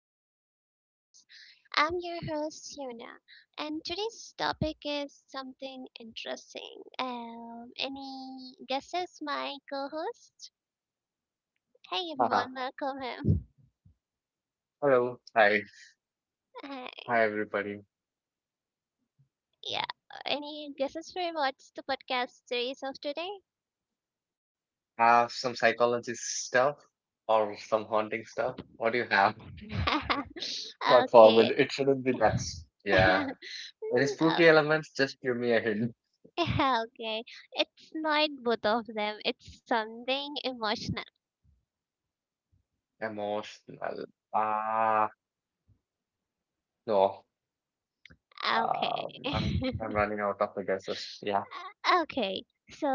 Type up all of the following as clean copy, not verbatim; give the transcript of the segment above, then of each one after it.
our series. I'm your host Yuna, and today's topic is something interesting. Any guesses, my co-host? Hey everyone, welcome him. Uh, yeah, any guesses for what's the podcast series of today? Okay. Mm, uh, Okay, it's not both of them. It's something emotional. Okay. Okay, so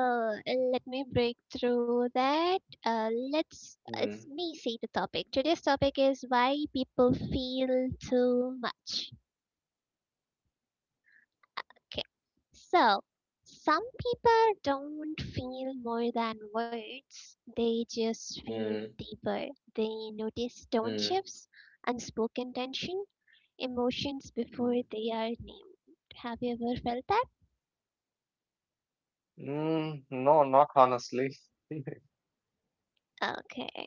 let me break through that. Let's it's me see the topic. Today's topic is why people feel too much. Okay, so some people don't feel more than words. They just feel deeper. They notice tone shifts, unspoken tension, emotions before they are named. Have you ever felt that? Okay.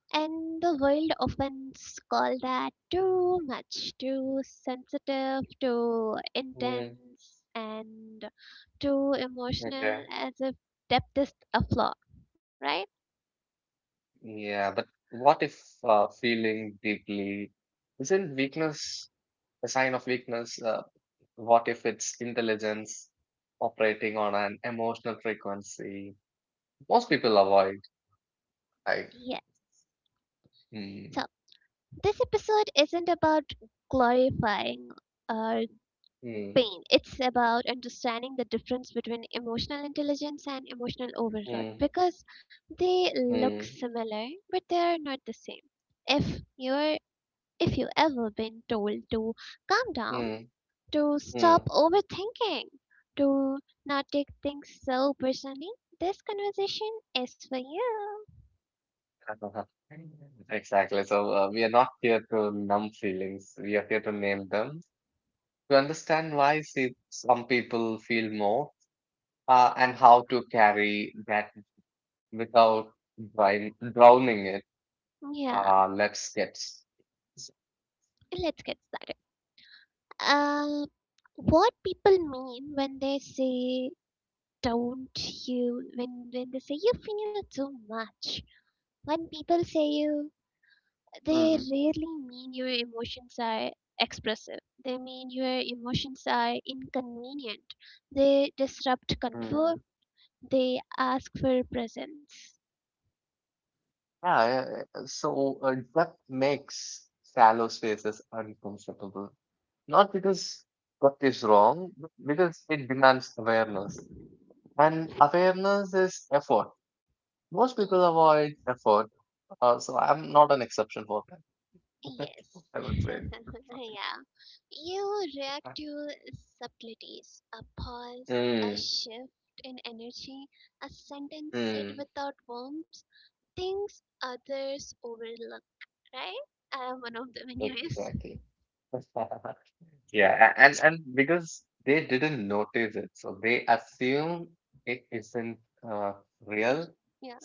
And the world often call that too much, too sensitive, too intense, and too emotional, as if depth is a flaw, right? Yes. So, this episode isn't about glorifying or pain. It's about understanding the difference between emotional intelligence and emotional overload because they look similar but they're not the same. If you're if you ever been told to calm down, to stop overthinking, to not take things so personally, this conversation is for you. Yeah, let's get started. Uh, what people mean when they say don't you when they say you feel too much, when people say you, they rarely mean your emotions are expressive, they mean your emotions are inconvenient, they disrupt comfort, they ask for presence. Y- yes. Yeah, you react to subtleties, a pause, a shift in energy, a sentence said without warmth, things others overlook, right? I am one of them, anyways. Yeah.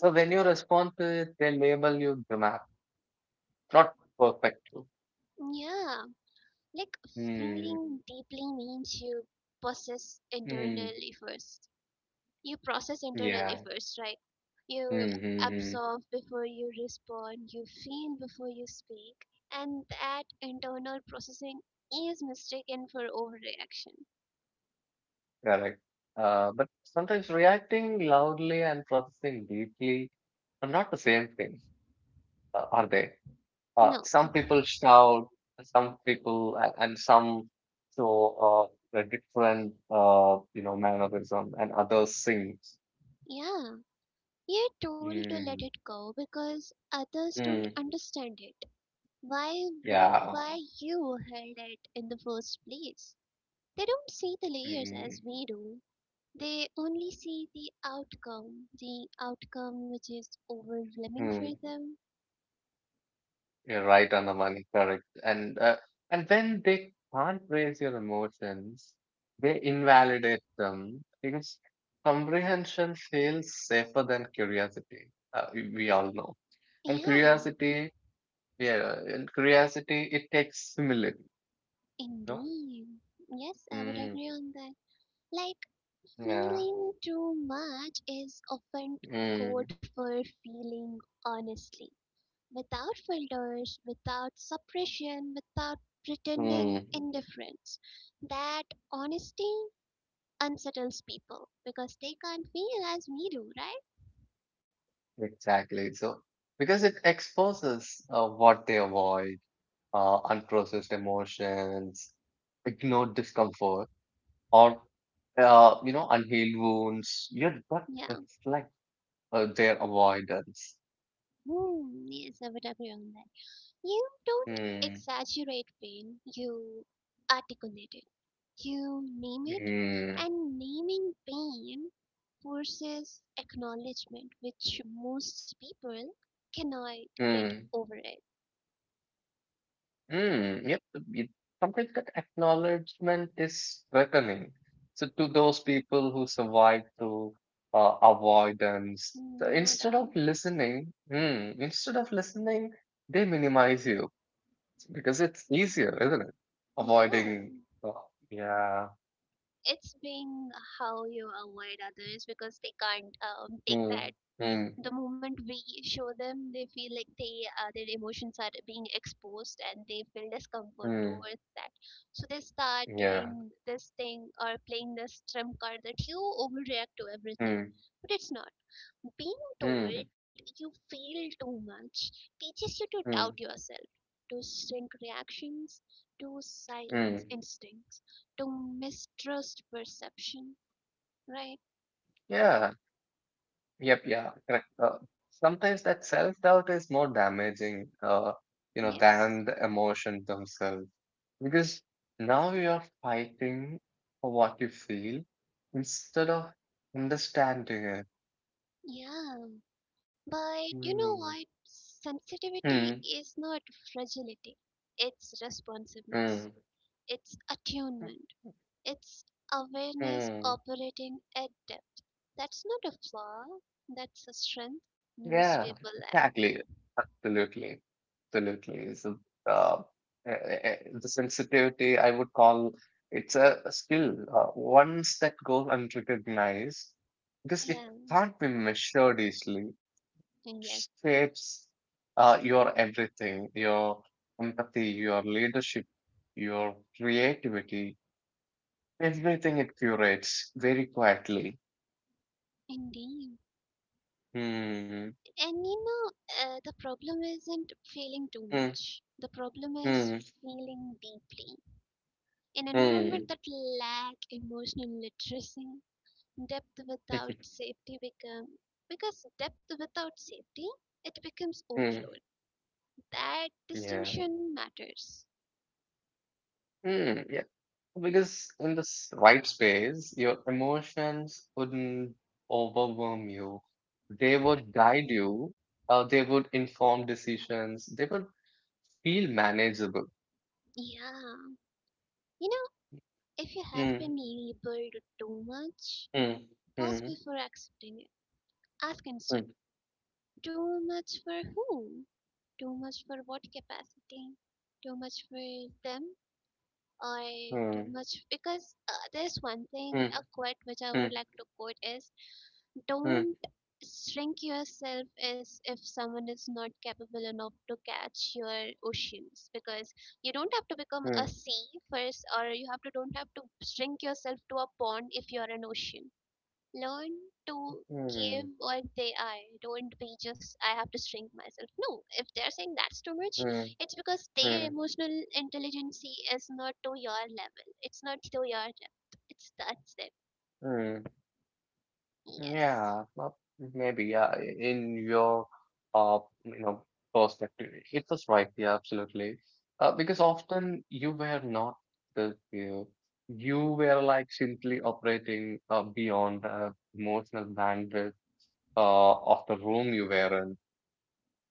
Yeah. Like, feeling deeply means you process internally first. You process internally first, right? You absorb before you respond, you feel before you speak, and that internal processing is mistaken for overreaction. No. Yeah. We are told to let it go because others don't understand it. Why why you held it in the first place? They don't see the layers as we do. They only see the outcome which is overwhelming for them. Yeah, indeed. Yes, I would agree on that. Like, feeling too much is often code for feeling honestly. Without filters, without suppression, without pretending indifference. That honesty unsettles people because they can't feel as we do, right? Yeah. Hmm. Yes, I would agree on that. You don't exaggerate pain, you articulate it. You name it, and naming pain forces acknowledgement, which most people cannot get over it. No doubt. Yeah. It's being how you avoid others because they can't take that. The moment we show them they feel like they their emotions are being exposed and they feel discomfort towards that, so they start doing this thing or playing this trump card that you overreact to everything, but it's not. Being told you feel too much teaches you to doubt yourself, to shrink reactions, to silence instincts, to mistrust perception, right? Yes. Yeah. But you know what? Sensitivity is not fragility, it's responsiveness, it's attunement, it's awareness operating at depth. That's not a flaw, that's a strength most people lack. Yeah, yes, indeed. And you know, the problem isn't feeling too much, the problem is feeling deeply. An environment that lack emotional literacy. Depth without safety become Because depth without safety, it becomes overload. That distinction matters. Yeah. You know, if you have been labeled too much, pause before accepting it. Ask instead, too much for whom? Too much for what capacity? Too much for them? Or too much? Because there's one thing, a quote which I would like to quote is, don't shrink yourself as if someone is not capable enough to catch your oceans, because you don't have to become a sea first, or you have to, don't have to shrink yourself to a pond if you're an ocean. Learn to give what they are. Don't be just I have to shrink myself. No, if they're saying that's too much, it's because their emotional intelligence is not to your level. It's not to your depth. It's that's them. Yes.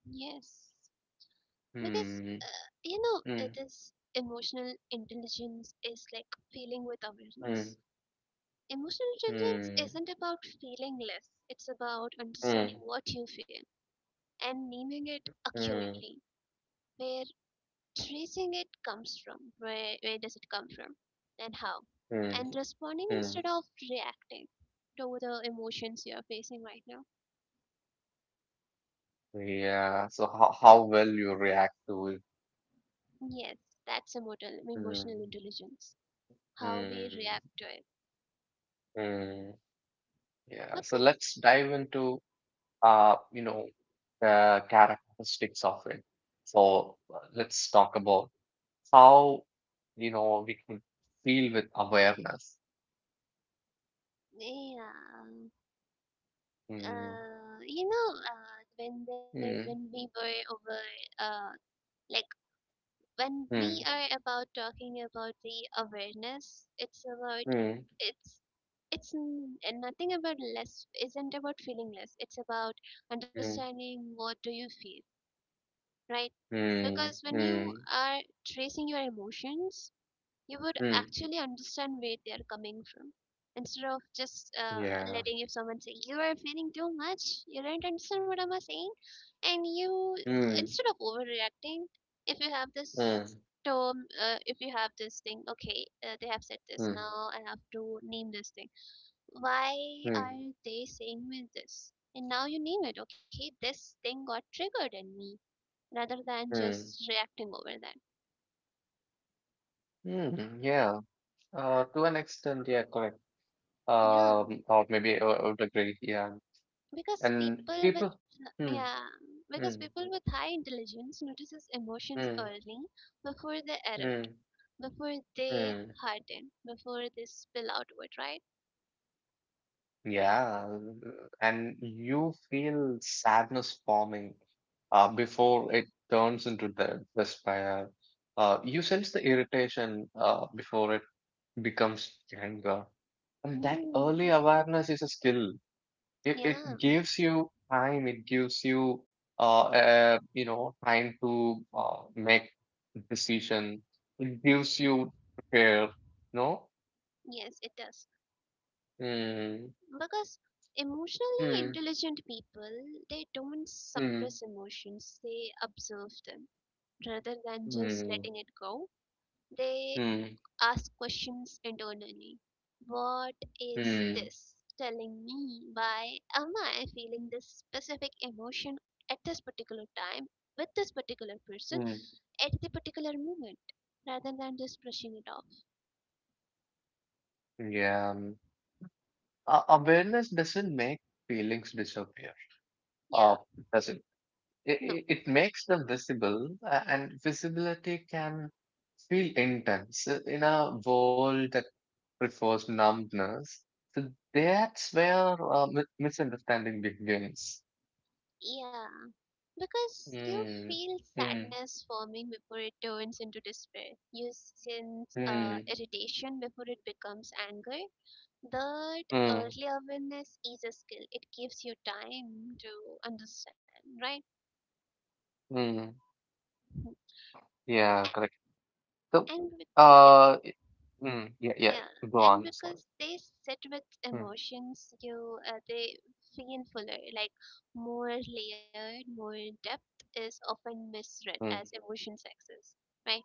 Yes. Because you know, it is, emotional intelligence is like feeling with awareness. Emotional intelligence isn't about feeling less, it's about understanding what you feel and naming it accurately, where tracing it comes from, where does it come from and how, and responding instead of reacting to the emotions you are facing right now. Yes, that's emotional, emotional intelligence, how we react to it, because. Yeah. um, you know, when we were over, uh, like, when we are about talking about the awareness, it's about, it's it's n- and nothing about less, isn't about feeling less. It's about understanding what do you feel, right? Because when you are tracing your emotions, you would actually understand where they are coming from, instead of just letting, if someone say you are feeling too much, you don't understand what am I saying, and you, instead of overreacting, if you have this term, if you have this thing, okay, they have said this, now I have to name this thing, why are they saying me this, and now you name it, okay, this thing got triggered in me, rather than just reacting over that. Yeah, because people with, yeah, because people with high intelligence notices emotions early, before they erupt, before they harden, before they spill outward, right? Mm. Yeah, yes it does, because emotionally intelligent people, they don't suppress emotions, they observe them rather than just letting it go. They ask questions internally. What is this telling me? Why am I feeling this specific emotion at this particular time, with this particular person, at the particular moment, rather than just brushing it off? Yeah, no. Yeah, because you feel sadness forming before it turns into despair. You sense irritation before it becomes anger. That early awareness is a skill. It gives you time to understand, right? A- And with, yeah, yeah, and because they sit with emotions, you they feel fuller, like more layered, more. Depth is often misread as emotions access, right?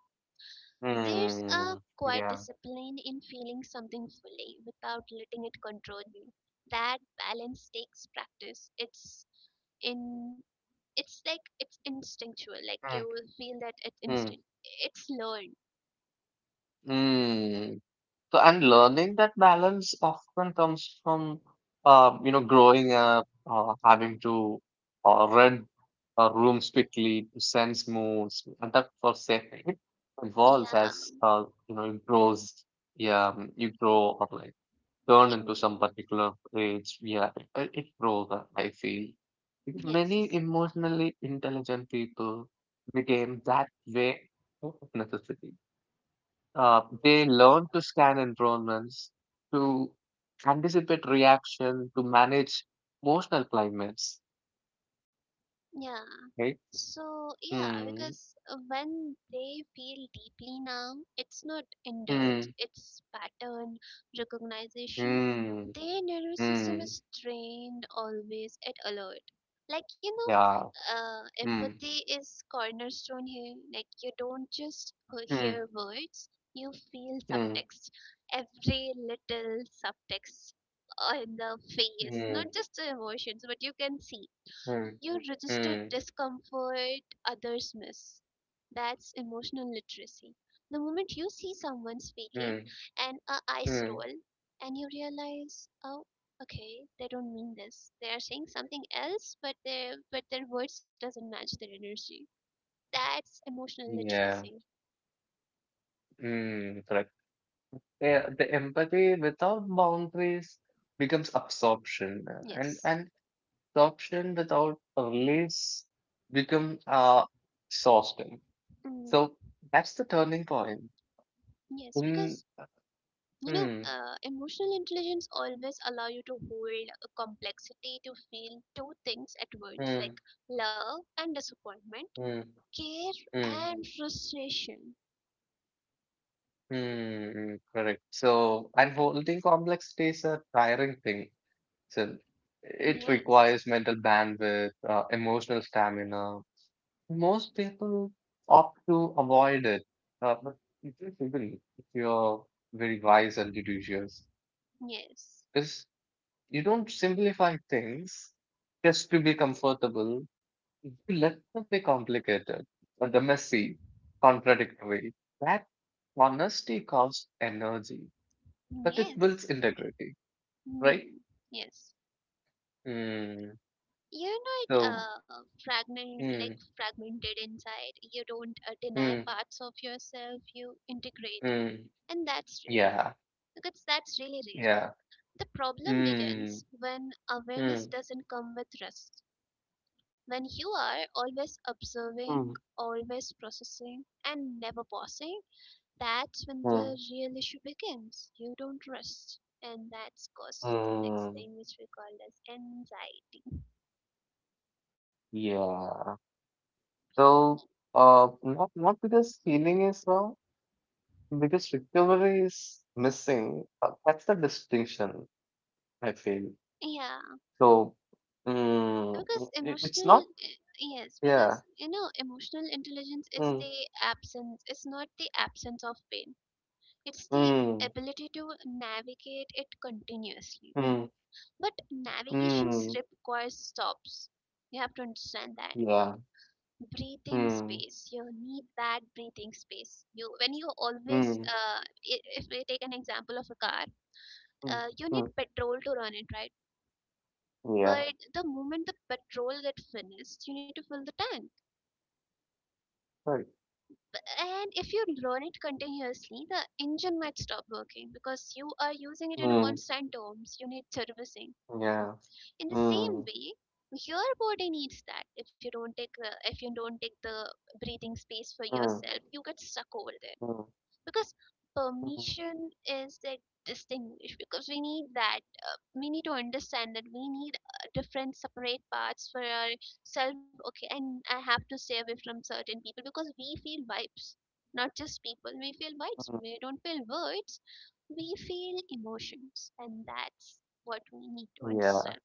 There's a quiet discipline in feeling something fully without letting it control you. That balance takes practice. It's in, it's like, it's instinctual, like you will feel that, it's instant, it's learned. Yeah, indeed. Yes. Yeah. So yeah, because when they feel deeply now, it's not indulge, it's pattern recognition. Their nervous system is trained, always at alert. Like you know, empathy is cornerstone here. Like you don't just hear words, you feel subtext. Every little subtext on the face, not just the emotions, but you can see. You register discomfort others miss. That's emotional literacy. The moment you see someone speaking and a eyes roll, and you realize, oh, okay, they don't mean this. They are saying something else, but their words doesn't match their energy. That's emotional literacy. Yes. Mm, yes, because you know, emotional intelligence always allow you to hold a complexity, to feel two things at once, like love and disappointment, care and frustration. Yes, yes, yes, mm, yes. You're not fragment, like fragmented inside. You don't deny parts of yourself. You integrate, and that's rare. Because that's really rare. The problem begins when awareness doesn't come with rest. When you are always observing, always processing, and never pausing. That's when the real issue begins. You don't rest, and that's caused to the next thing, which we call as anxiety. Yeah, because emotional, eh, yes, because you know, emotional intelligence is the absence, it's not the absence of pain, it's the ability to navigate it continuously. But navigations requires stops. You have to understand that breathing space, you need that breathing space. You when you always if we take an example of a car, you need petrol to run it, right? But the moment the petrol gets finished, you need to fill the tank. B- and if you run it continuously, the engine might stop working because you are using it in a constant terms, you need servicing. In the same way, your body needs that. If you don't take if you don't take the breathing space for yourself, you get stuck over there. Because permission is like distinguished, because we need that, we need to understand that we need different separate parts for ourselves, okay, and I have to stay away from certain people, because we feel vibes. Not just people, we feel vibes, we don't feel words, we feel emotions, and that's what we need to understand.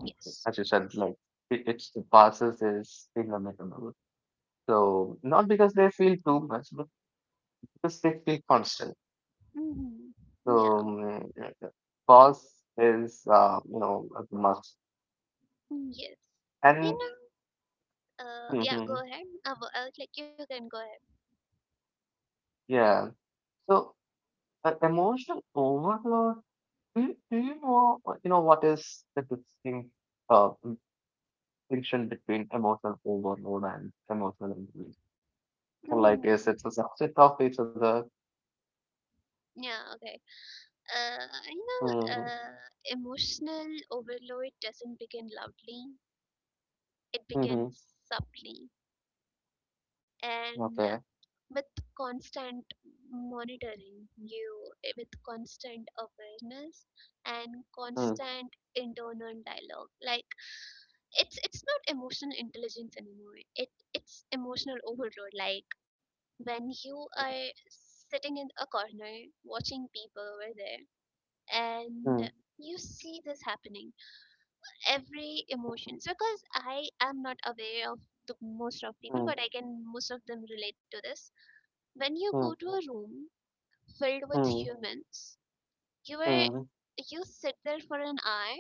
Yes. Hmm. Yeah. Yes. You know, yeah, go ahead, like you can go ahead. Hmm. Yeah, okay. Uh, you know, emotional overload doesn't begin loudly, it begins subtly. And with constant monitoring, you, eh, with constant awareness and constant internal dialogue. Like, it's not emotional intelligence anymore. It's emotional overload. Like, when you are sitting in a corner watching people over there and you see this happening, every emotions. Because I am not aware of the most of people, but I can most of them relate to this. When you go to a room filled with humans, you are you sit there for an hour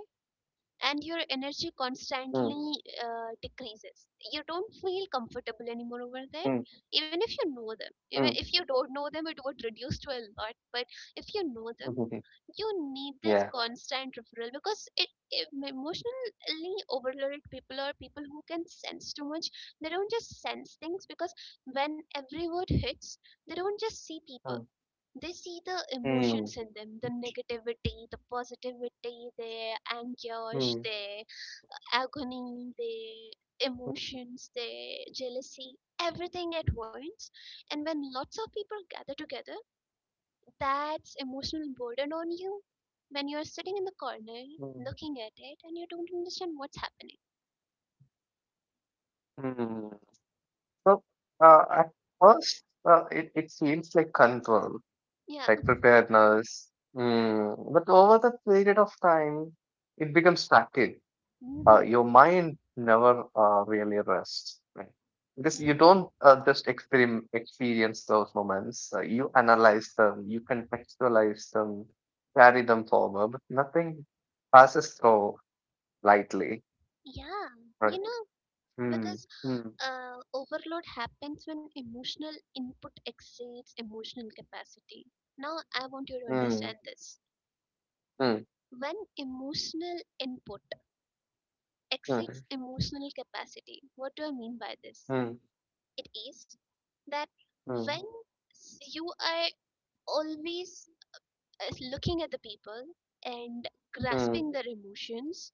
and your energy constantly decreases. You don't feel comfortable anymore over there, even if you know them. Even if you don't know them, it would reduce to a lot. But if you know them, you need this constant referral. Because it emotionally overloaded people, or people who can sense too much, they don't just sense things. Because when every word hits, they don't just see people, they see the emotions in them, the negativity, the positivity, their anguish, their agony, their emotions, their jealousy, everything at once. And when lots of people gather together, that's emotional burden on you, when you're sitting in the corner looking at it and you don't understand what's happening. Yeah. Mhm. Yeah. Yeah. You know, because overload happens when emotional input exceeds emotional capacity. Now, I want you to understand this. When emotional input exceeds emotional capacity, what do I mean by this? It is that when you are always is looking at the people and grasping their emotions,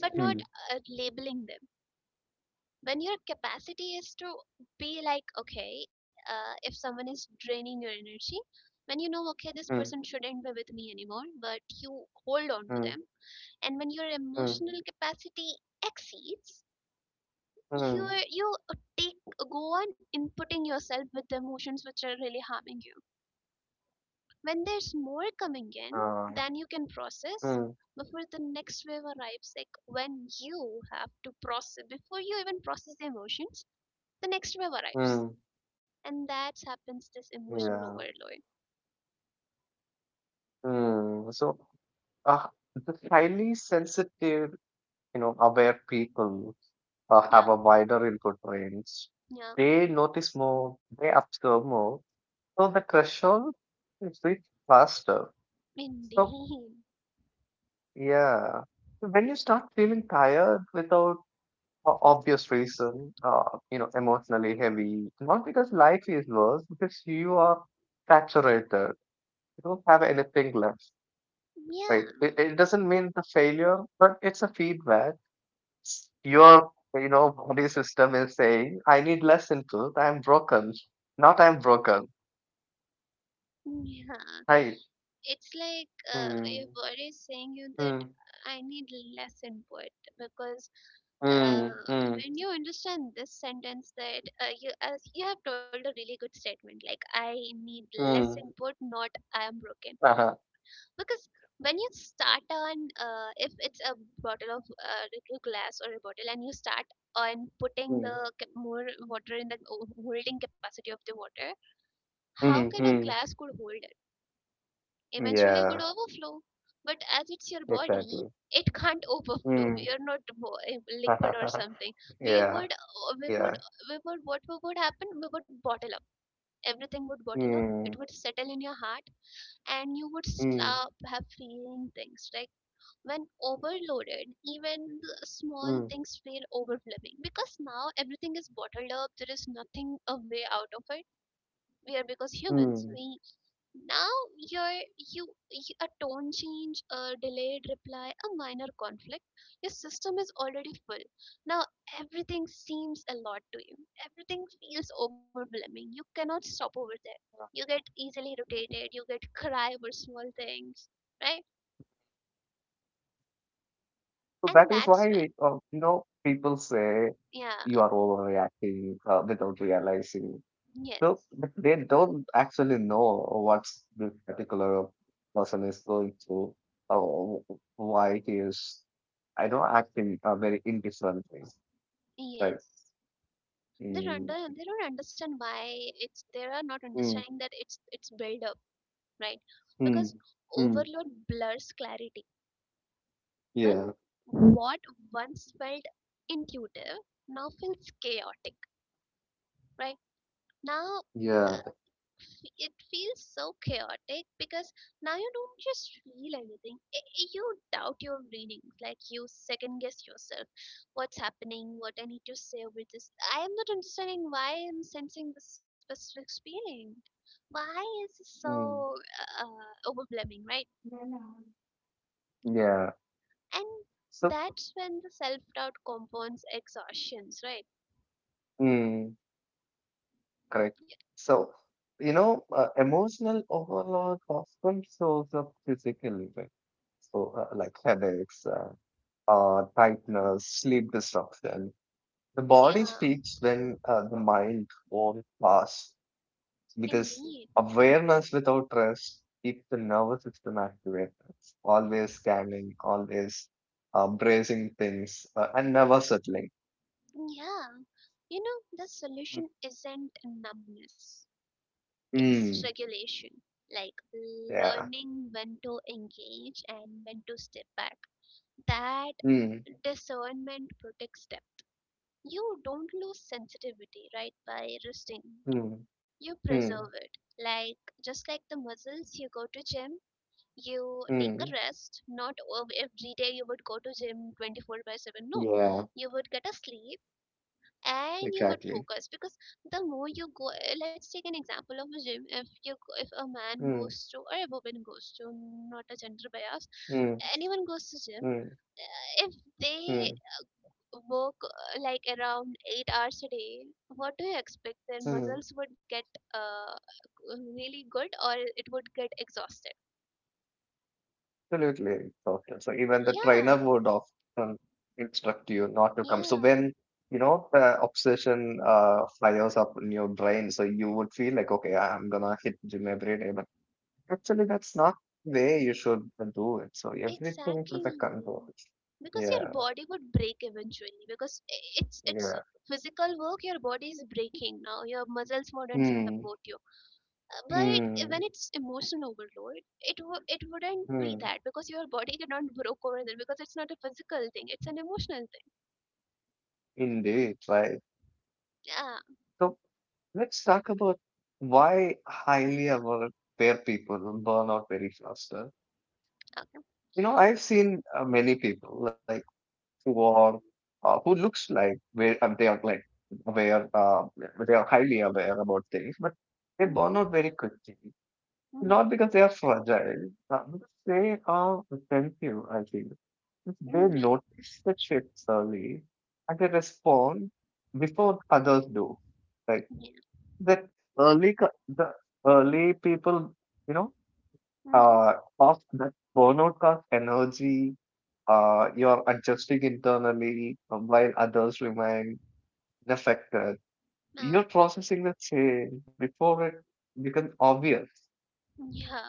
but not labeling them. When your capacity is to be like, okay, if someone is draining your energy, when you know, okay, this person shouldn't be with me anymore, but you hold on to them, and when your emotional capacity exceeds, you take go on inputting yourself with the emotions which are really harming you. When there's more coming in than you can process before the next wave arrives, like when you have to process, before you even process the emotions, the next wave arrives. And that happens this emotional overload. Yeah, yeah, indeed. Yeah, yeah. It's like, your body is saying you that I need less input. Because when you understand this sentence that you, as you have told a really good statement, like, I need less input, not I am broken. Because when you start on, if it's a bottle of little glass or a bottle, and you start on putting the more water in the holding capacity of the water, how can a glass could hold it? Eventually would overflow. But as it's your body, it can't overflow. We are not liquid or something. We would, uh, we would, we would. What would happen? We would bottle up. Everything would bottle up. It would settle in your heart, and you would stop have feeling things. Like, when overloaded, even the small things feel overwhelming, because now everything is bottled up. There is nothing a way out of it. We are because humans. We now your you a tone change, a delayed reply, a minor conflict. Your system is already full. Now everything seems a lot to you. Everything feels overwhelming. You cannot stop over there. You get easily irritated. You get cry over small things, right? And that's when, yeah, yes, yes. They don't understand why it's they are not understanding that it's build up, right? Because overload blurs clarity. When what once felt intuitive now feels chaotic, right? Now, uh, it feels so chaotic because now you don't just feel anything. You doubt your readings, like you second guess yourself. What's happening? What I need to say with this? I am not understanding why I am sensing this specific feeling. Why is it so overwhelming, right? And that's when the self doubt compounds exhaustions, right? Yeah, indeed. Yeah. You know, the solution isn't numbness, it's regulation. Like learning when to engage and when to step back. That discernment protects them. You don't lose sensitivity, right, by resting it. You preserve it. Like, just like the muscles, you go to gym, you take a rest. Not every day you would go to gym 24 by 7. No, you would get a sleep and you would focus. Because the more you go, let's take an example of a gym. If you go- if a man goes to, or a woman goes to, not a gender bias, anyone goes to gym, if they work, like around 8 hours a day, what do you expect, their muscles would get uh, really good, or it would get exhausted? Yeah. Yeah. Exactly. Because your body would break eventually. Because it's physical work, your body is breaking now. Your muscles wouldn't support you. But when it's emotional overload, it it wouldn't be that, because your body cannot broke over there, because it's not a physical thing. It's an emotional thing. Yeah. Okay. Mhm. Mhm. Mm, yeah. Yeah. Mhm. Uh, yeah.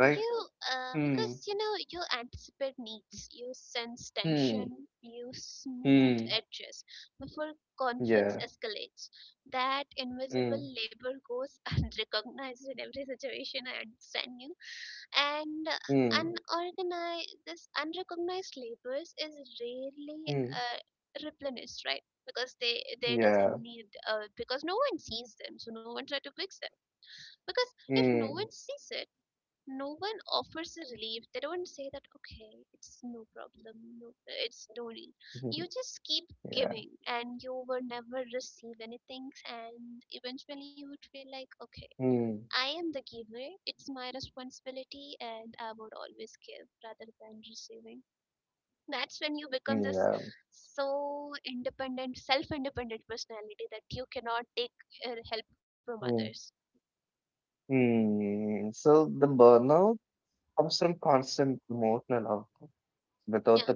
You, because you know, you anticipate needs, you sense tension, you smooth edges before conflicts escalates. That invisible labor goes unrecognized in every situation. I understand you. And unorganized, this unrecognized labors is rarely uh, replenished, right? Because they doesn't need, because no one sees them, so no one try to fix them. Because if no one sees it, no one offers a relief. They don't say that, okay, it's no problem, no, it's no need. You just keep giving, and you will never receive anything. And eventually, you would feel like, okay, I am the giver. It's my responsibility, and I would always give rather than receiving. That's when you become this so independent, self-independent personality, that you cannot take help from others. Yeah,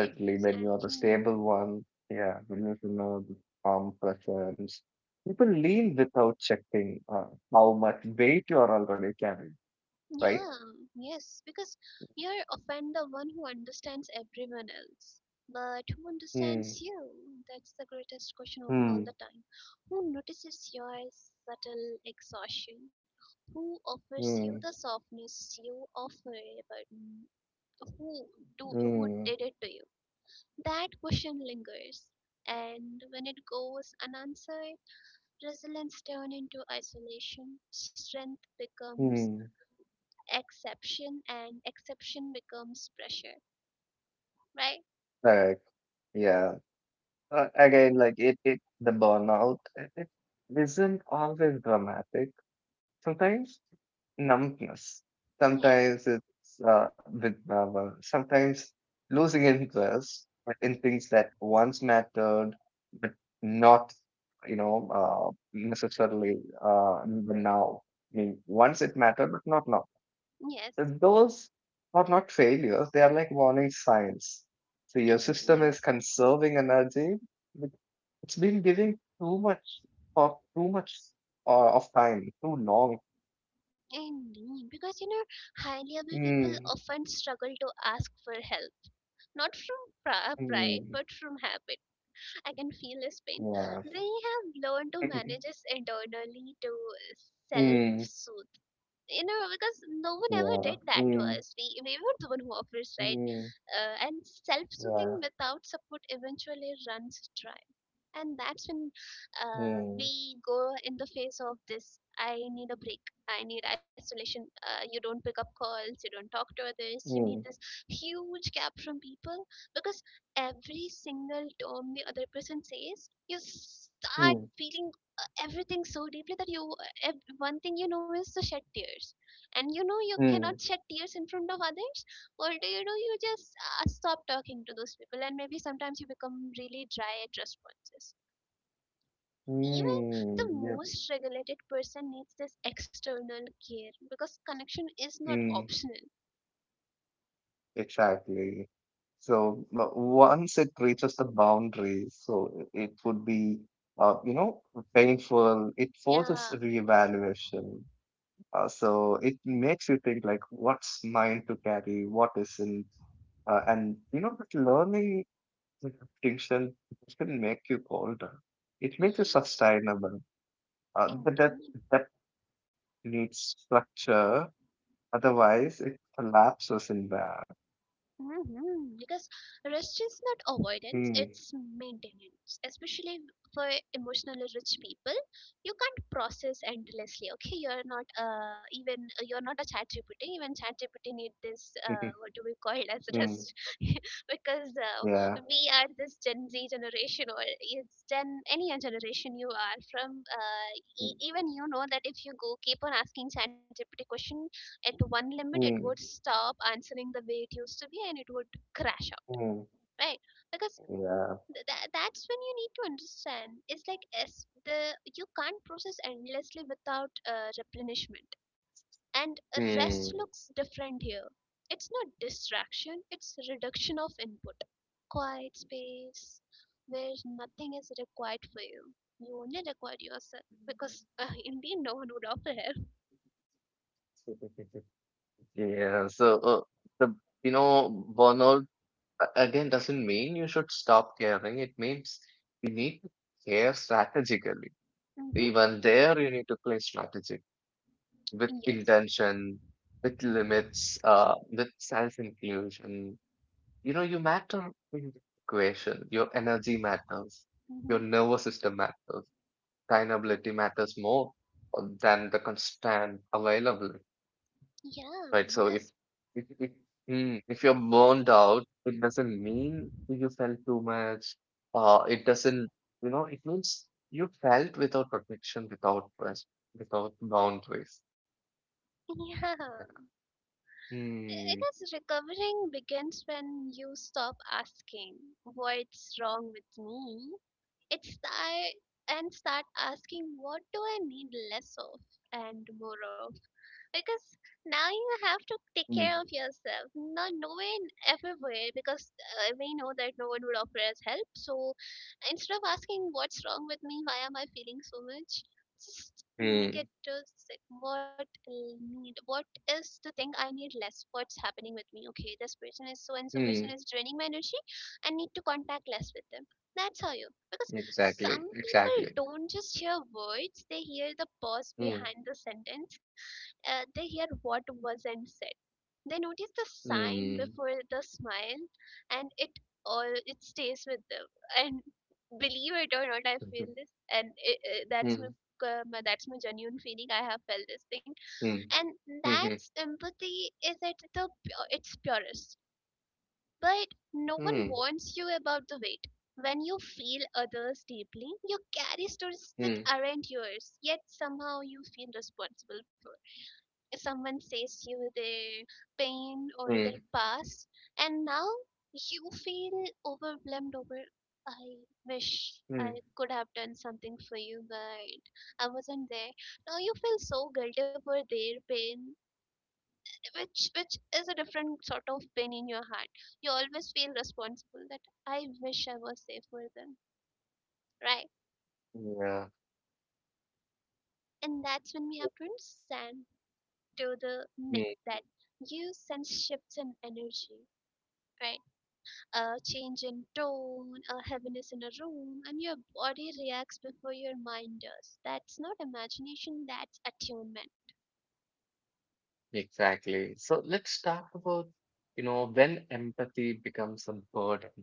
exactly. Yeah, yes, because you're often the one who understands everyone else. But who understands you? That's the greatest question of all the time. Who notices your subtle exhaustion? Who offers you the softness you offer, but, mm, who do who did it to you? That question lingers, and when it goes unanswered, resilience turns into isolation. Strength becomes exception, and exception becomes pressure, right? Yes. Yes. Indeed. Indeed. Because, you know, high level people often struggle to ask for help, not from pride, but from habit. I can feel his pain. They have learned to manage this internally, to self-soothe. You know, because no one ever did that to us. We were the one who offers, right? And self-soothing without support eventually runs dry. And that's when, we go in the face of this, I need a break, I need isolation. You don't pick up calls, you don't talk to others, you need this huge gap from people. Because every single term the other person says, you start feeling everything so deeply that you, one thing you know is to shed tears, and you know you cannot shed tears in front of others. Or, do you know, you just stop talking to those people, and maybe sometimes you become really dry at responses. Even the most regulated person needs this external care, because connection is not optional. Yeah. Yes. Indeed. Mhm. Because rest is not avoidance, it's maintenance, especially for emotionally rich people. You can't process endlessly. Okay, you're not, even you're not a chat GPT. Even chat GPT need this, what do we call it, as rest? Because, we are this Gen Z generation, or it's Gen any generation you are from. Even you know that if you go keep on asking chat GPT question, at one limit it would stop answering the way it used to be, and it would crash out, right? Because that's when you need to understand, it's like as the you can't process endlessly without replenishment. And rest looks different here. It's not distraction, it's reduction of input, quiet space where nothing is required for you, you only require yourself. Because, indeed, no one would offer help. Mm-hmm. Yes. Mm-hmm. Yeah, because, yeah, I guess recovering begins when you stop asking what's wrong with me. It's that, and start asking, what do I need less of, and more of. Because now you have to take care of yourself. No, no one everywhere. Because, we know that no one would offer us help. So instead of asking what's wrong with me, why am I feeling so much, just make it just like, what I need, what is the thing I need less, what's happening with me. Okay, this person is so and so person is draining my energy. I need to contact less with them. That's how you, because some people don't just hear words, they hear the pause behind the sentence. They hear what wasn't said. They notice the sign before the smile, and it all it stays with them. And, believe it or not, I feel this, and it, that's my, that's my genuine feeling. I have felt this thing, and that's empathy is at its purest. But no one warns you about the weight. When you feel others deeply, you carry stories that aren't yours, yet somehow you feel responsible. Someone says you their pain or their past, and now you feel overwhelmed over. I wish I could have done something for you, but I wasn't there. Now you feel so guilty for their pain, which is a different sort of pain in your heart. You always feel responsible that I wish I was there for them, right? And that's when we have to understand to the next that you sense shifts in energy, right? A change in tone, a heaviness in a room, and your body reacts before your mind does. That's not imagination, that's attunement. Exactly. So let's talk about, when empathy becomes a burden.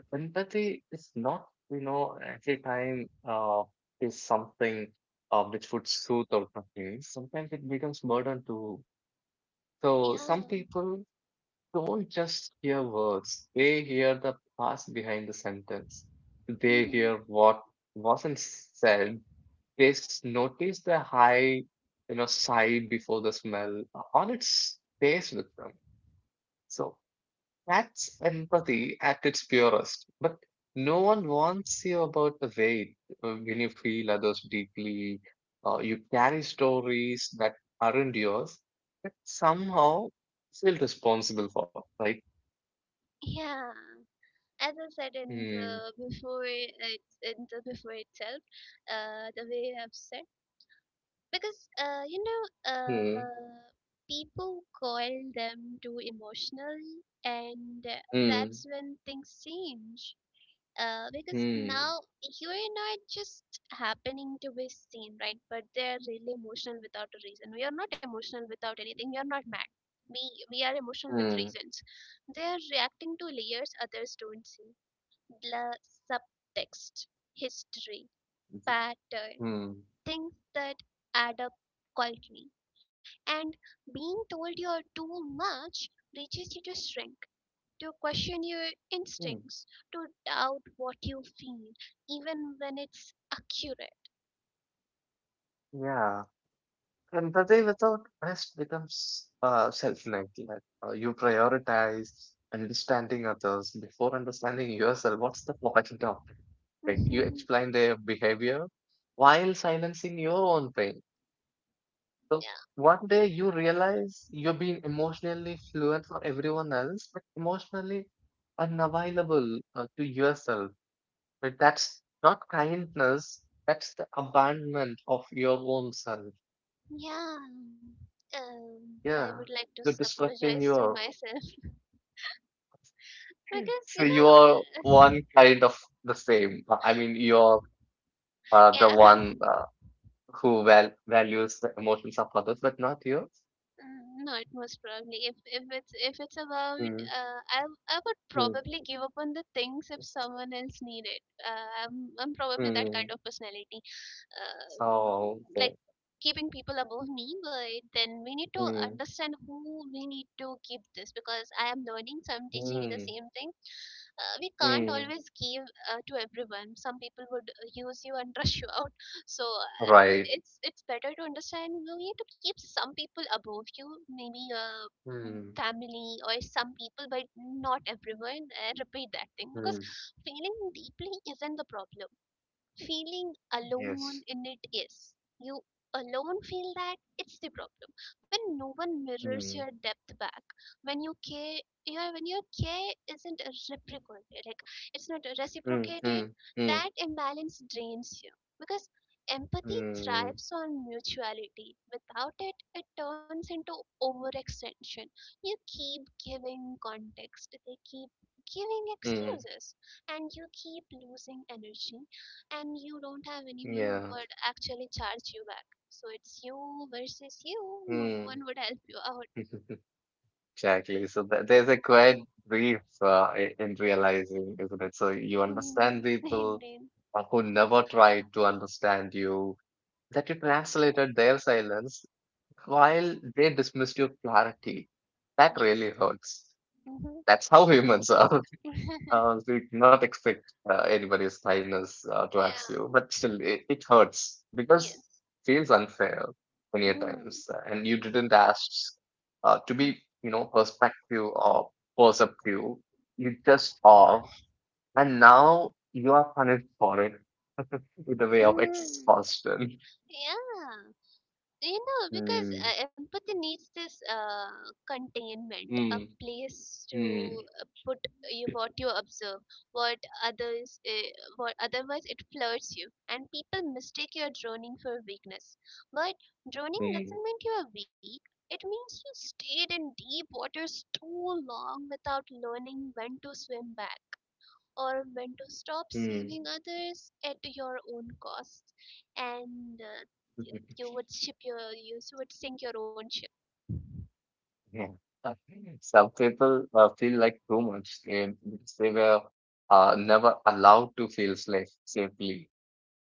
So empathy is not, every time is something which would soothe or something. Sometimes it becomes burden too. So Yeah. some people don't just hear words; they hear the past behind the sentence. They Hmm. hear what wasn't said. They notice the high, sigh before the smell on its face with them. So that's empathy at its purest. But no one warns you about the weight when you feel others deeply. You carry stories that aren't yours, that somehow feel responsible for, right? Yeah. As I said in Hmm. the before it, in the before itself, the way I've said because Hmm. people call them too emotional, and Hmm. that's when things change because Hmm. now you're not just happening to be seen, right? But they're really emotional without a reason. We are not emotional without anything. We are not mad. We we are emotional with Hmm. reasons. They are reacting to layers others don't see. La subtext, history, pattern, Hmm. things that add up quietly. And being told you're too much reaches you to shrink, to question your Hmm. instincts, to doubt what you feel, even when it's accurate. Yeah. Empathy without rest becomes self-neglect. You prioritize understanding others before understanding yourself. What's the point of it? Right? You Mhm. explain their behavior while silencing your own pain. So Yeah. one day you realize you're being emotionally fluent for everyone else, but emotionally unavailable to yourself. But that's not kindness. That's the abandonment of your own self. Yeah. I would Yeah, like to you're destructing apologize to your. myself because So you you are know, one kind of the same. I mean, you're the yeah. one who values the emotions of others, but not yours. Mm, not most probably. If it's if it's about, Mm, uh, I I would mm, probably give up on the things if someone else needed. I'm probably that kind mm. of personality, So, uh, like okay. keeping people above me, but then we need to Mm, understand who we need to keep this, because I am learning, so I'm teaching you the mm, same thing. We can't mm. always give to everyone. Some people would use you and rush you out. So Right. it's better to understand you need to keep some people above you, maybe Mm, family or some people, but not everyone. I repeat that thing because mm. feeling deeply isn't the problem, feeling Yes. alone in it is. You alone feel that it's the problem. When no one mirrors your Mm, depth back, when you care, your when your care isn't reciprocated, like it's not mm, reciprocated, mm, mm, that imbalance drains you because empathy mm, thrives on mutuality. Without it, it turns into overextension. You keep giving context. They keep giving mm. excuses, and you keep losing energy, and you don't have anyone who Yeah. would actually charge you back. So it's you versus you. No one Mm. would help you out. Exactly. So there's a quite brief in realizing, isn't it? So you understand Mm, and people then, who never tried to understand you, that you translated their silence while they dismissed your clarity. That yes. really hurts. Hmm. That's how humans are. So you cannot expect anybody's kindness towards you, Yeah. but still, it hurts because Yes. it feels unfair many a Mm. times, and you didn't ask to be, you know, perspective or perceptive. You just are, and now you are punished for it with the way of Mm. exhaustion. Yeah. You know, because Mm, empathy needs this containment, a mm, place to mm, put you what you observe, what others what otherwise it flirts you and people mistake your droning for weakness. But droning mm, doesn't mean you are weak, it means you stayed in deep waters too long without learning when to swim back, or when to stop mm. saving others at your own cost. And you you would ship your you would sink your own ship. Yeah. Some people feel like too much because they were never allowed to feel safe safely.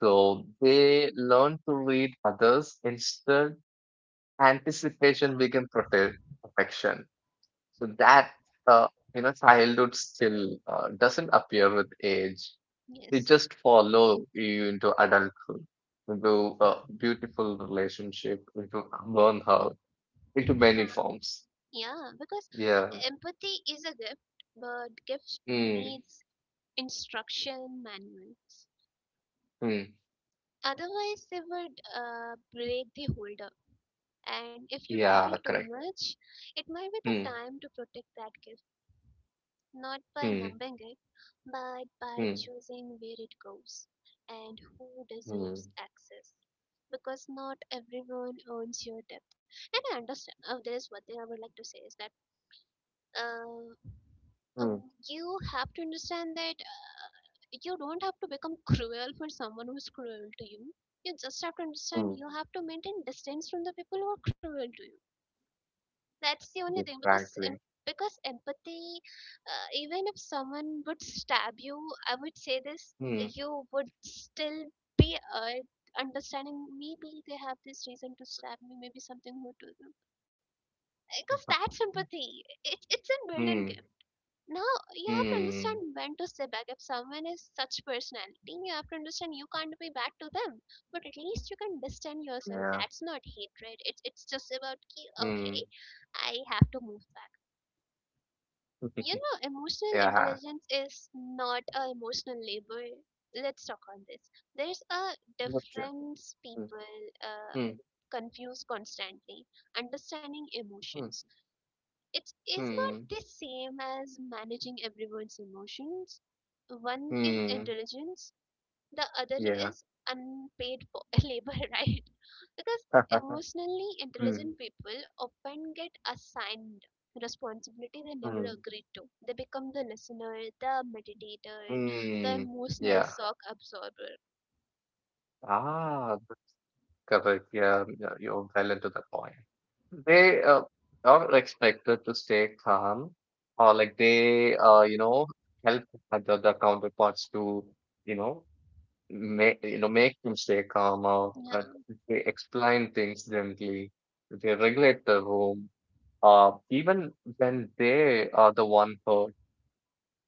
So they learn to read others instead. Anticipation became protection. So that uh, you know childhood still doesn't appear with age. They Yes. just follow you into adulthood, into a beautiful relationship, into burnout, into Yeah, many forms. yeah, because Yeah. empathy is a gift, but gift Hmm. needs instruction manuals, Mm. otherwise they would break the holder. And if you feel Yeah, too correct. much, it might be the Mm. time to protect that gift, not by Mm. numbing it, but by Mm. choosing where it goes and who Mm. deserves access. Because not everyone owns your depth. And I understand. Oh, there is one thing I would like to say is that, um, Mm. um, you have to understand that you don't have to become cruel for someone who's cruel to you. You just have to Mm. understand you have to maintain distance from the people who are cruel to you. That's the only thing because Exactly. because empathy, even if someone would stab you, I would say this, Mm. you would still be understanding. Maybe they have this reason to stab me. Maybe something more to them. Because that's empathy. It's a built-in Mm. gift. Now you have to Mm. understand when to step back. If someone is such personality, you have to understand you can't be bad to them. But at least you can distance yourself. Yeah. That's not hatred. It's just about okay, Mm. I have to move back. You know, emotional Yeah. intelligence is not a emotional labor. Let's talk on this. There's a Gotcha. difference Mm. people uh, Mm. confuse constantly. Understanding Mm. emotions. It's is not Mm. the same as managing everyone's emotions. One is Mm. intelligence, the other Yeah. is unpaid labor, right? Because emotionally Mm. intelligent people often get assigned responsibility they never Mm. agreed to. They become the listener, the meditator, the Mm. emotional Yeah. shock absorber. Ah, correct. Yeah, yeah, you're well into the point. They are expected to stay calm, or like you know, help other the counterparts to, you know, you know make them stay calm, or Yeah. they explain things gently. They regulate the room. Even when they are the one who,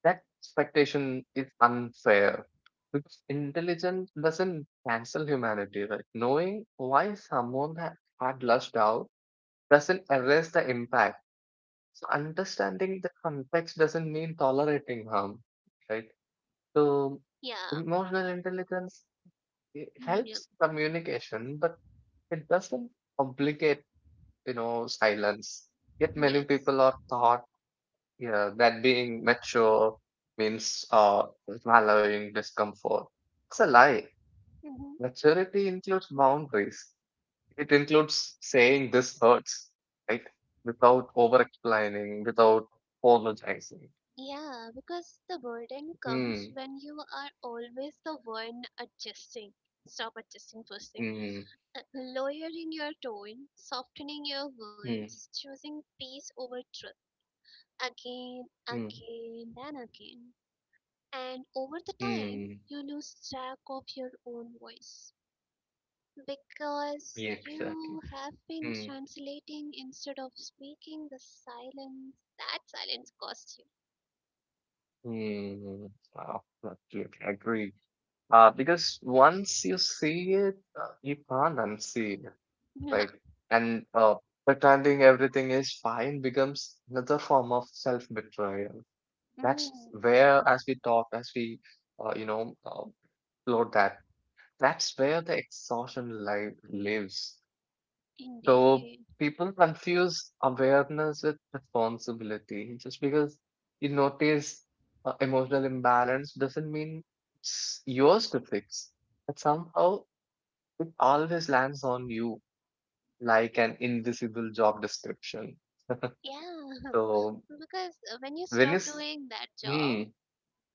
that expectation is unfair because intelligence doesn't cancel humanity, right? Knowing why someone had lashed out doesn't erase the impact. So understanding the context doesn't mean tolerating harm, right? So Yeah. emotional intelligence, it Yeah. helps communication, but it doesn't obligate, silence. Yet many Yes. people are taught, yeah, that being mature means allowing discomfort. It's a lie. Hmm. Maturity includes boundaries. It includes saying this hurts, right? Without over-explaining, without apologizing. Yeah, because the burden comes Hmm. when you are always the one adjusting. Stop adjusting first thing. Hmm. Lowering your tone, softening your words, Hmm. choosing peace over truth again, Hmm. again, and again. And over the time, Hmm. you lose track of your own voice because Yeah, you exactly. have been Hmm. translating instead of speaking the silence. That silence costs you. Hmm. Wow. Absolutely. I agree. Because once you see it, you can't unsee it. Yeah. Right? And pretending everything is fine becomes another form of self-betrayal. That's Mm, where, as we talk, as we, uh, you know, uh, explore that, that's where the exhaustion li lives. So indeed. people confuse awareness with responsibility. Just because you notice emotional imbalance doesn't mean it's yours to fix. But somehow it always lands on you like an invisible job description. Yeah. So Because when you when you stop doing that job, hmm.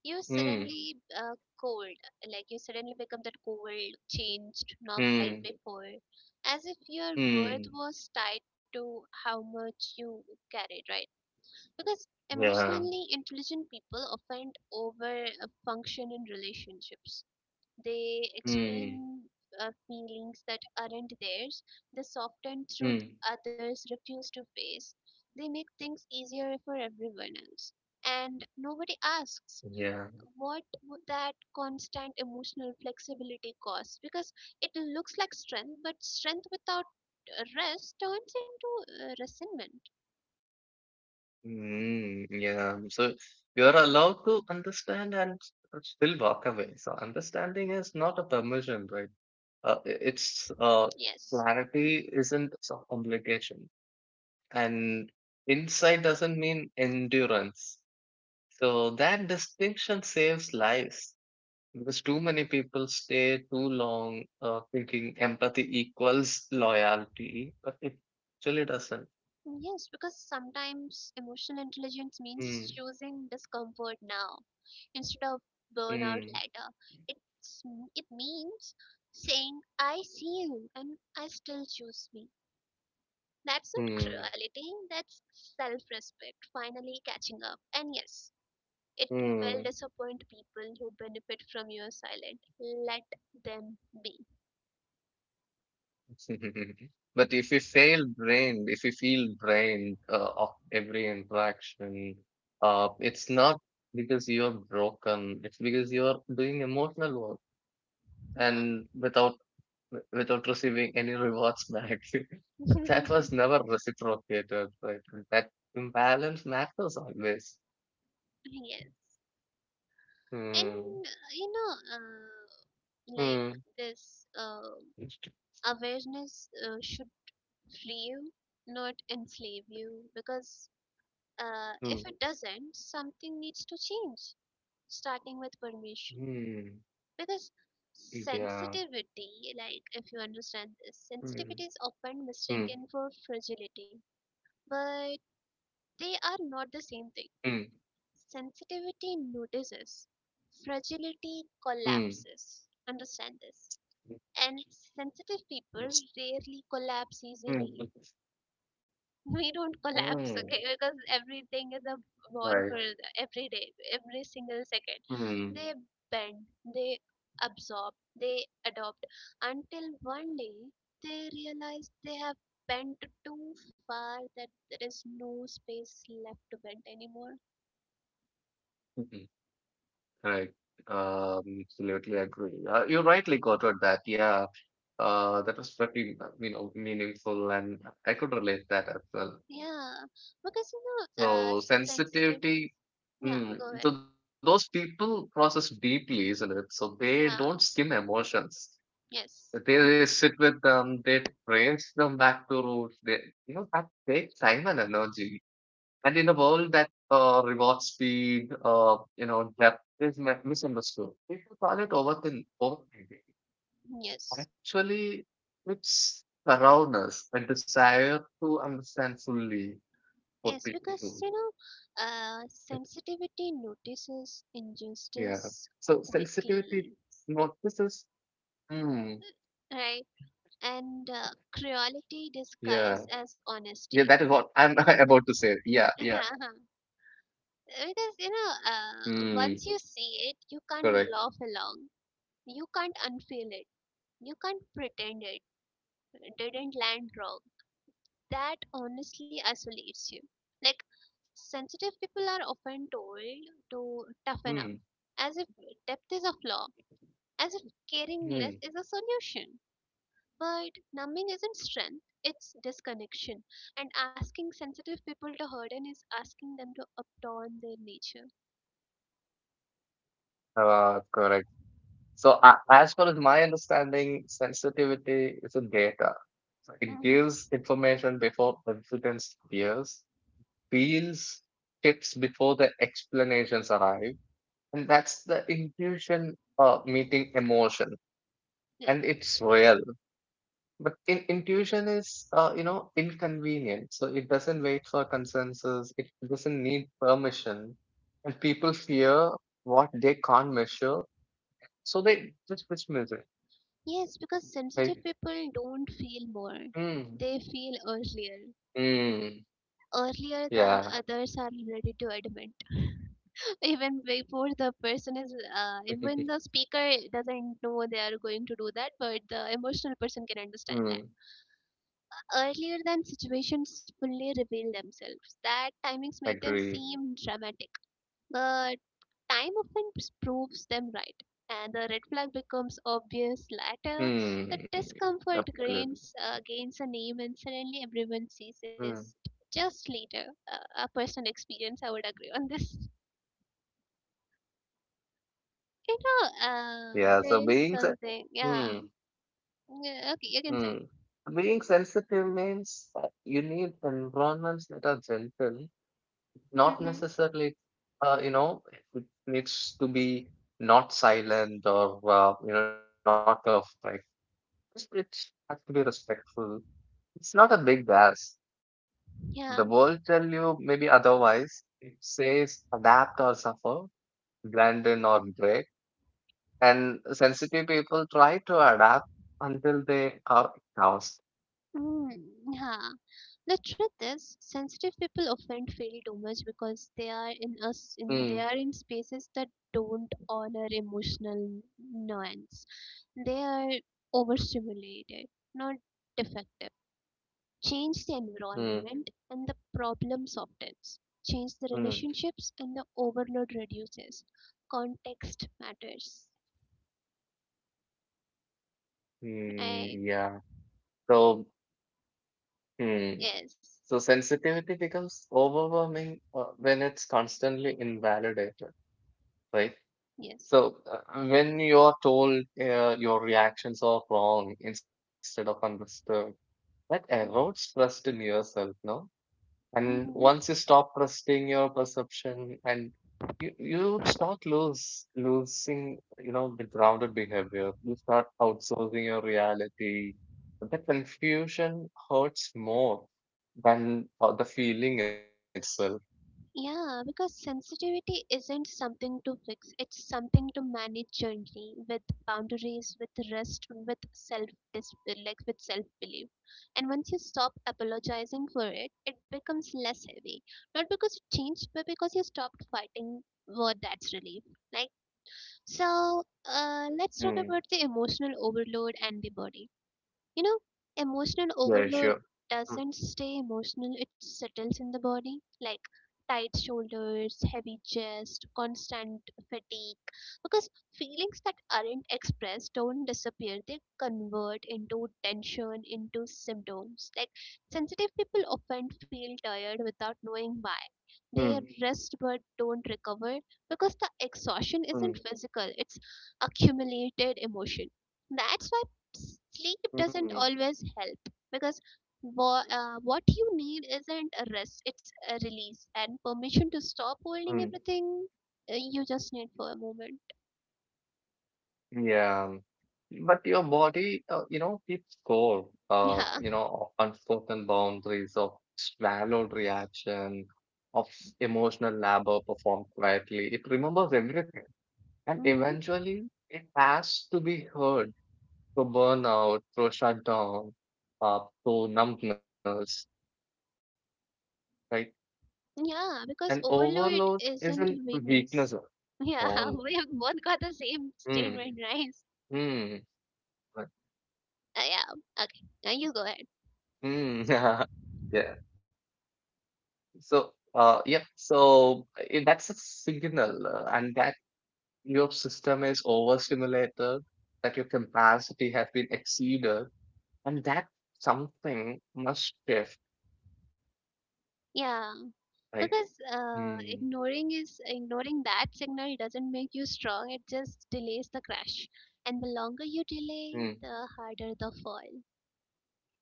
you Hmm. suddenly cold, like you suddenly become that cold, changed, not like Hmm. before, as if your worth Hmm. was tied to how much you carried, right? Because Yeah. emotionally intelligent people often over function in relationships. They Hmm. explain feelings that aren't theirs, they soften truth Hmm. others refuse to face, they make things easier for everyone else, and nobody asks Yeah. what would that constant emotional flexibility cost? Because it looks like strength, but strength without rest turns into resentment. Hmm. Yeah. So you're allowed to understand and still walk away. So understanding is not a permission, right? I- it's Yes. Clarity isn't some obligation, and insight doesn't mean endurance. So that distinction saves lives. Because too many people stay too long thinking empathy equals loyalty, but it actually doesn't. Yes, because sometimes emotional intelligence means Mm, choosing discomfort now instead of burnout mm, later. It's, it means saying, I see you and I still choose me. That's not mm, cruelty, that's self respect finally catching up. And yes, it will mm. disappoint people who benefit from your silent. Let them be. But if we feel drained of every interaction, it's not because you're broken, it's because you're doing emotional work. Yeah. And without without receiving any rewards back. That was never reciprocated, right? That imbalance matters always. Yes. And Hmm. Like Hmm. this awareness should free you, not enslave you, because Hmm. if it doesn't, something needs to change, starting with permission. Hmm. Because Yeah. sensitivity, like if you understand this, Hmm. sensitivity is often Hmm. mistaken for fragility. But they are not the same thing. Hmm. Sensitivity notices, fragility Hmm. collapses. Understand this. And sensitive people Yes. rarely collapse Hmm. easily. We don't collapse, Hmm. okay, because everything is a war for Right. Every day, every single second. Hmm. They bend, they absorb, they adopt until one day they realize they have bent too far that there is no space left to bend anymore. Hmm. Right. Absolutely agree. You rightly quoted that. Yeah. That was pretty, meaningful, and I could relate that as well. Yeah, because you know, So sensitive. sensitivity, Yeah, mm, go so ahead. those people process deeply, isn't it? So they don't Yeah, skim emotions. Yes, They sit with them, they trace them back to roots. They, you know, that takes time and energy. And in a world that rewards speed, depth is misunderstood. People call it overthinking. yes, Actually, it's around us, a desire to understand fully yes. what people. Because you know, sensitivity Yeah. notices So injustice sensitivity quickly, notices. Hmm. right? And Yeah. cruelty disguised as Yeah, that is what honesty. I'm about to say. Yeah, yeah. Because you know, Hmm. Once you see it, you Correct. can't laugh along. Uh, You can't Distance unfeel marks it. as You can't pretend independence it sometimes, didn't like. land But wrong, that that awareness is honestly lonely. isolates you. Like, sensitive people are often told to toughen Hmm. up, as if depth is a flaw, as if caring less Hmm. is a solution. But numbing isn't strength, it's disconnection. And asking sensitive people to harden is asking them to abandon their nature. Correct. So as far as my understanding, sensitivity is a data. So it Hmm. gives information before evidence appears, reveals tips before the explanations arrive. And that's the intuition meeting emotion. Yeah. And it's real. But intuition is, inconvenient. So it doesn't wait for consensus. It doesn't need permission. And people fear what they can't measure. So they just dismiss it. Yes, because sensitive Like, people don't feel more. hmm, They feel earlier. hmm, Earlier than yeah. others are ready to admit. Even before the person is even the speaker doesn't know they are going to do that, but the emotional person can understand Hmm, that earlier than situations fully reveal themselves, that timings make them agree. seem dramatic, but time often proves them right, and the red flag becomes obvious later, the Hmm, discomfort absolutely. Gains a name and suddenly everyone sees Hmm. it just later. A personal experience I would agree on this. You know, Yeah, so there is being something. Yeah. hmm, Yeah, okay, you can say. hmm. Being sensitive means that you need environments that are gentle, not Mm-hmm. necessarily, uh, you know, it needs to be not silent or not perfect. Just it has to be respectful. It's not a big ask. Yeah. The world tell you maybe otherwise. It says adapt or suffer, blend in or break. And sensitive people try to adapt until they are exhausted. Mm, yeah. The truth is, sensitive people often feel too much because they Mm, are in spaces that don't honor emotional nuance. They are overstimulated, not defective. Change the mm, environment and the problem softens. Change the mm, relationships and the overload reduces. Context matters. mm, I yeah. So, mm, yes, so sensitivity becomes overwhelming when it's constantly invalidated, right? yes. So, when you are told your reactions are wrong instead of understood, that erodes trust in yourself, no? And Hmm. once you stop trusting your perception, and you start losing, you know, the grounded behavior. You start outsourcing your reality. The confusion hurts more than the feeling itself. Yeah, because sensitivity isn't something to fix. It's something to manage gently with boundaries, with rest, with self, like with self belief. And once you stop apologizing for it, it becomes less heavy. Not because it changed, but because you stopped fighting, for that's relief. Like so, let's talk Mm, about the emotional overload and the body. You know, emotional yeah, overload sure. doesn't stay emotional, it settles in the body, like tight shoulders, heavy chest, constant fatigue. Because feelings that aren't expressed don't disappear, they convert into tension, into symptoms. Like sensitive people often feel tired without knowing why. Mm, They mm, rest but don't recover because the exhaustion isn't mm, physical, it's accumulated emotion. That's why sleep doesn't mm, always help, because what you need isn't a rest, it's a release and permission to stop holding mm. everything. You just need for a moment. Yeah. But your body, keeps score, Yeah. Of unspoken boundaries, of swallowed reaction, of emotional labor performed quietly. It remembers everything. And Hmm. eventually, it has to be heard through burnout, through shutdown, through numbness, or some way, right? Yeah, because And overload overload isn't isn't weakness. weakness at Yeah, all. we have both got the same Mm, statement, right? mm, like, Yeah, okay, now you go ahead. mm, yeah. So, yep. So that's a signal, and that your system is overstimulated, that your capacity has been exceeded, and that something must shift, Yeah, right? because Hmm. ignoring is ignoring that signal doesn't make you strong, it just delays the crash. And the longer you delay, Hmm. the harder the fall.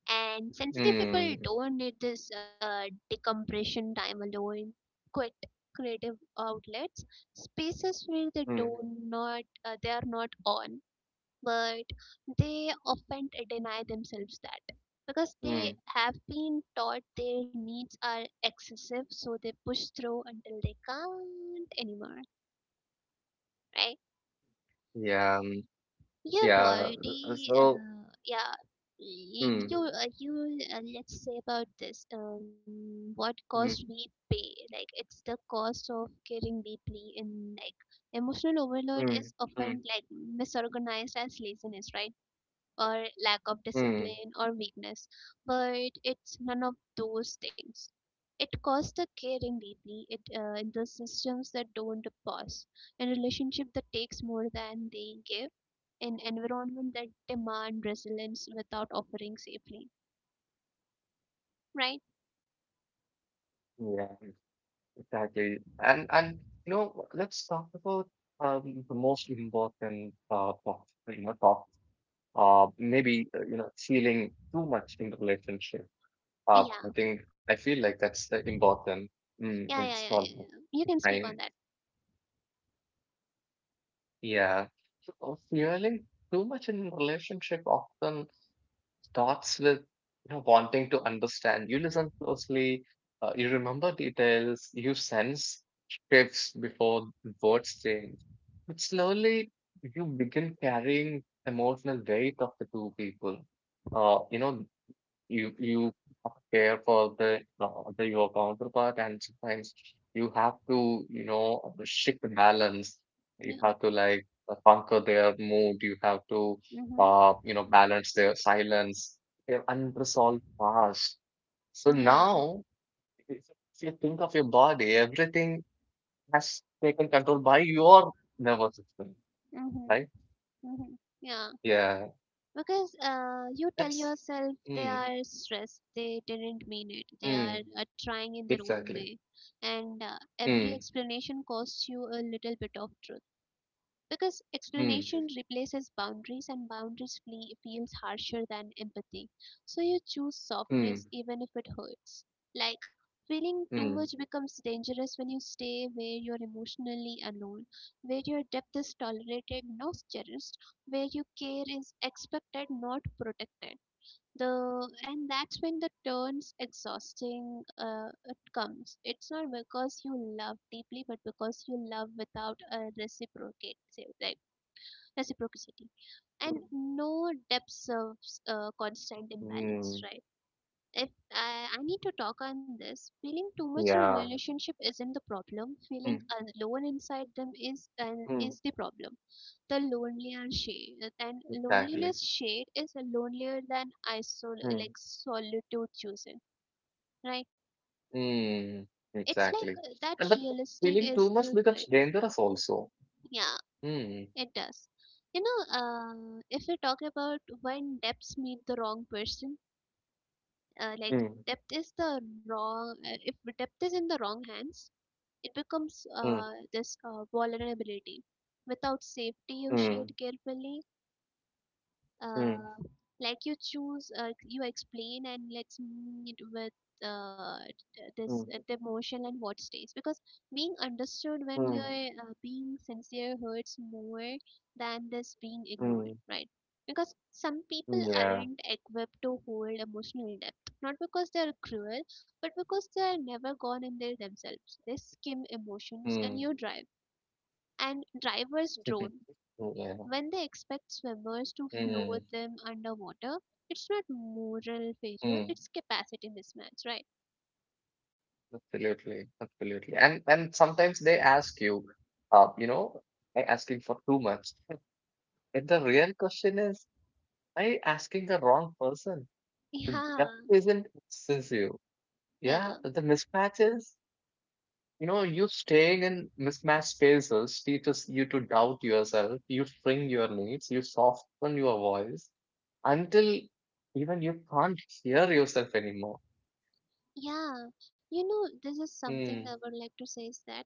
And sensitive people Hmm. don't need this decompression time alone, quit, creative outlets, spaces where they do Hmm. not they are not on. But they often deny themselves that because Hmm. they have been taught their needs are excessive, so they push through until they can't anymore, right? Yeah. Mm, Your yeah. right body, So. Yeah. Hmm. You, you, let's say about this. What cost Hmm. we pay? Like it's the cost of caring deeply in, like, emotional overload Hmm. is Hmm. often like misorganized as laziness, right? Or lack of Hmm. discipline or weakness, but it's none of those things. It costs the caring deeply it, in the systems that don't pause, in relationship that takes more than they give, in environment that demand resilience without offering safely. Right? Yeah. Exactly. And you know, let's talk about the most important talk, you know, talk. Maybe you know, feeling too much in the relationship. I Yeah. think I feel like that's the important mm, Yeah, yeah, yeah, it's yeah, all about yeah. You can speak on time. that. Yeah. So fueling too much in relationship often starts with you know wanting to understand. You listen closely, you remember details, you sense shifts before words change. But slowly you begin carrying emotional weight of the two people. You know you care for the your counterpart, and sometimes you have to you know shift the balance, you Yeah. have to like conquer their mood, you have to Mm-hmm. You know balance their silence, their unresolved past. So Yeah. now if you think of your body, everything has taken control by your nervous system, Mm-hmm. right? Mm-hmm. Yeah. Yeah, Because you tell that's yourself they mm, are stressed, they didn't mean it, they are mm, trying in their own way. exactly And every mm, explanation costs you a little bit of truth, because mm, explanation replaces boundaries and boundaries flee, feels harsher than empathy. So you choose mm, softness even if it hurts. Like, feeling too much mm. becomes dangerous when you stay where you're emotionally alone, where your depth is tolerated not cherished, where your care is expected not protected. The and that's when the turns exhausting it comes, it's not because you love deeply but because you love without a reciprocate, like, reciprocity. Mm, And no depth serves constant mm, imbalance, right? If I need to talk on this, feeling too much in a yeah. relationship isn't the problem. Feeling Mm, alone inside them is an mm, is the problem. The lonelier shade and exactly. loneliness shade is lonelier than isol Mm, like solitude chosen, right? mm, It's like exactly. That And but realistic feeling too is much the becomes quit. dangerous also. Yeah, Mm, it does. You know, if we talk about when depths meet the wrong person, like, mm, depth is the wrong. If depth is in the wrong hands, it becomes mm, this vulnerability. Without safety, you shade mm, carefully, mm, uh, like, you choose you explain and let's meet with t- this mm, the emotion and what stays, because being understood when mm, you're being sincere hurts more than this being ignored, right? Because some people mm, yeah. aren't equipped to hold emotional depth, not because they're cruel but because they're never gone in there themselves. They skim emotions and you Mm, drive, and drivers drone yeah. when they expect swimmers to Mm, float them underwater. It's not moral failure, mm, it's capacity mismatch, right? absolutely, absolutely. And sometimes they ask you, uh, you know, I asking for too much. But the real question is, I asking the wrong person. The depth Yeah, isn't excessive. Yeah, yeah, the mismatches, you know, you staying in mismatched spaces teaches you to doubt yourself, you shrink your needs, you soften your voice until even you can't hear yourself anymore. yeah. You know, this is something I Mm, would like to say is that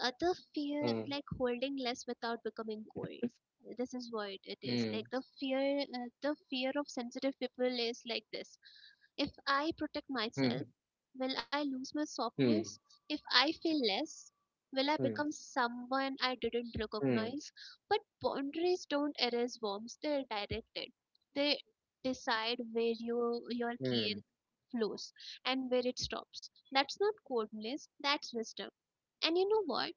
other fear, mm, like holding less without becoming cold. This is what it is. mm, Like the fear, the fear of sensitive people is like this. If I protect myself, mm, will I lose my mm, softness? If I feel less, mm, mm, will I become someone I didn't recognize? But boundaries don't erase warmth, they're directed. They decide where you, your mm, care flows and where it stops. That's not coldness, that's wisdom. And you know what?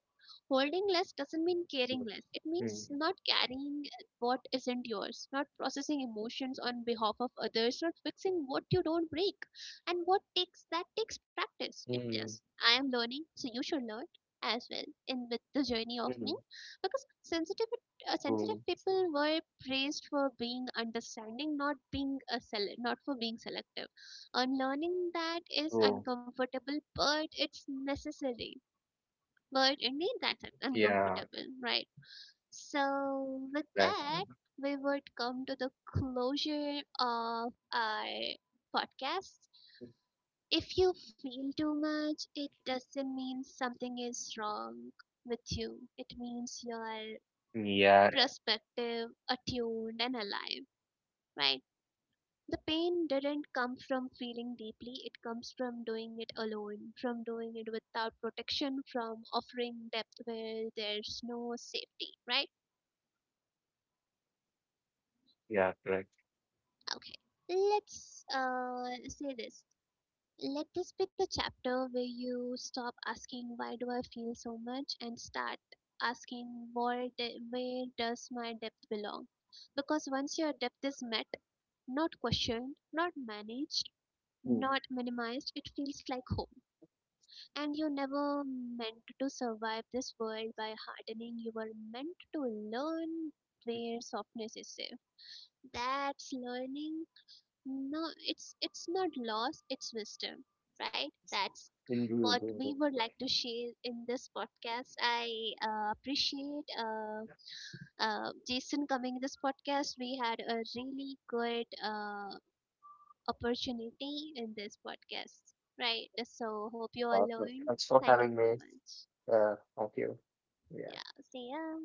Holding less doesn't mean caring less. It mm, mm, means not carrying what isn't yours, not processing emotions on behalf of others, not fixing what you don't break. And what takes that takes practice. It mm, does. I am learning, so you should learn as well in with the journey of mm. me, because sensitive uh, True, sensitive people were praised for being understanding, not being a not for being selective. Unlearning that is true. uncomfortable, but it's necessary. But indeed, that's Yeah, uncomfortable, right? So, with exactly. that, we would come to the closure of our podcast. If you feel too much, it doesn't mean something is wrong with you, it means you're Yeah, perspective, attuned, and alive, right? The pain didn't come from feeling deeply, it comes from doing it alone, from doing it without protection, from offering depth where there's no safety, right? yeah, correct. Okay, let's say this. Let this be the chapter where you stop asking, why do I feel so much, and start asking, where, where does my depth belong? Because once your depth is met, not questioned, not managed, not minimized, it feels like home. And you never meant to survive this world by hardening. You were meant to learn where softness is safe. That's learning. No, it's not loss. It's wisdom, right? That's what we would like to share in this podcast. I appreciate Jason coming this podcast. We had a really good opportunity in this podcast, right? So hope you all learned. Thank you so much. Yeah, see ya.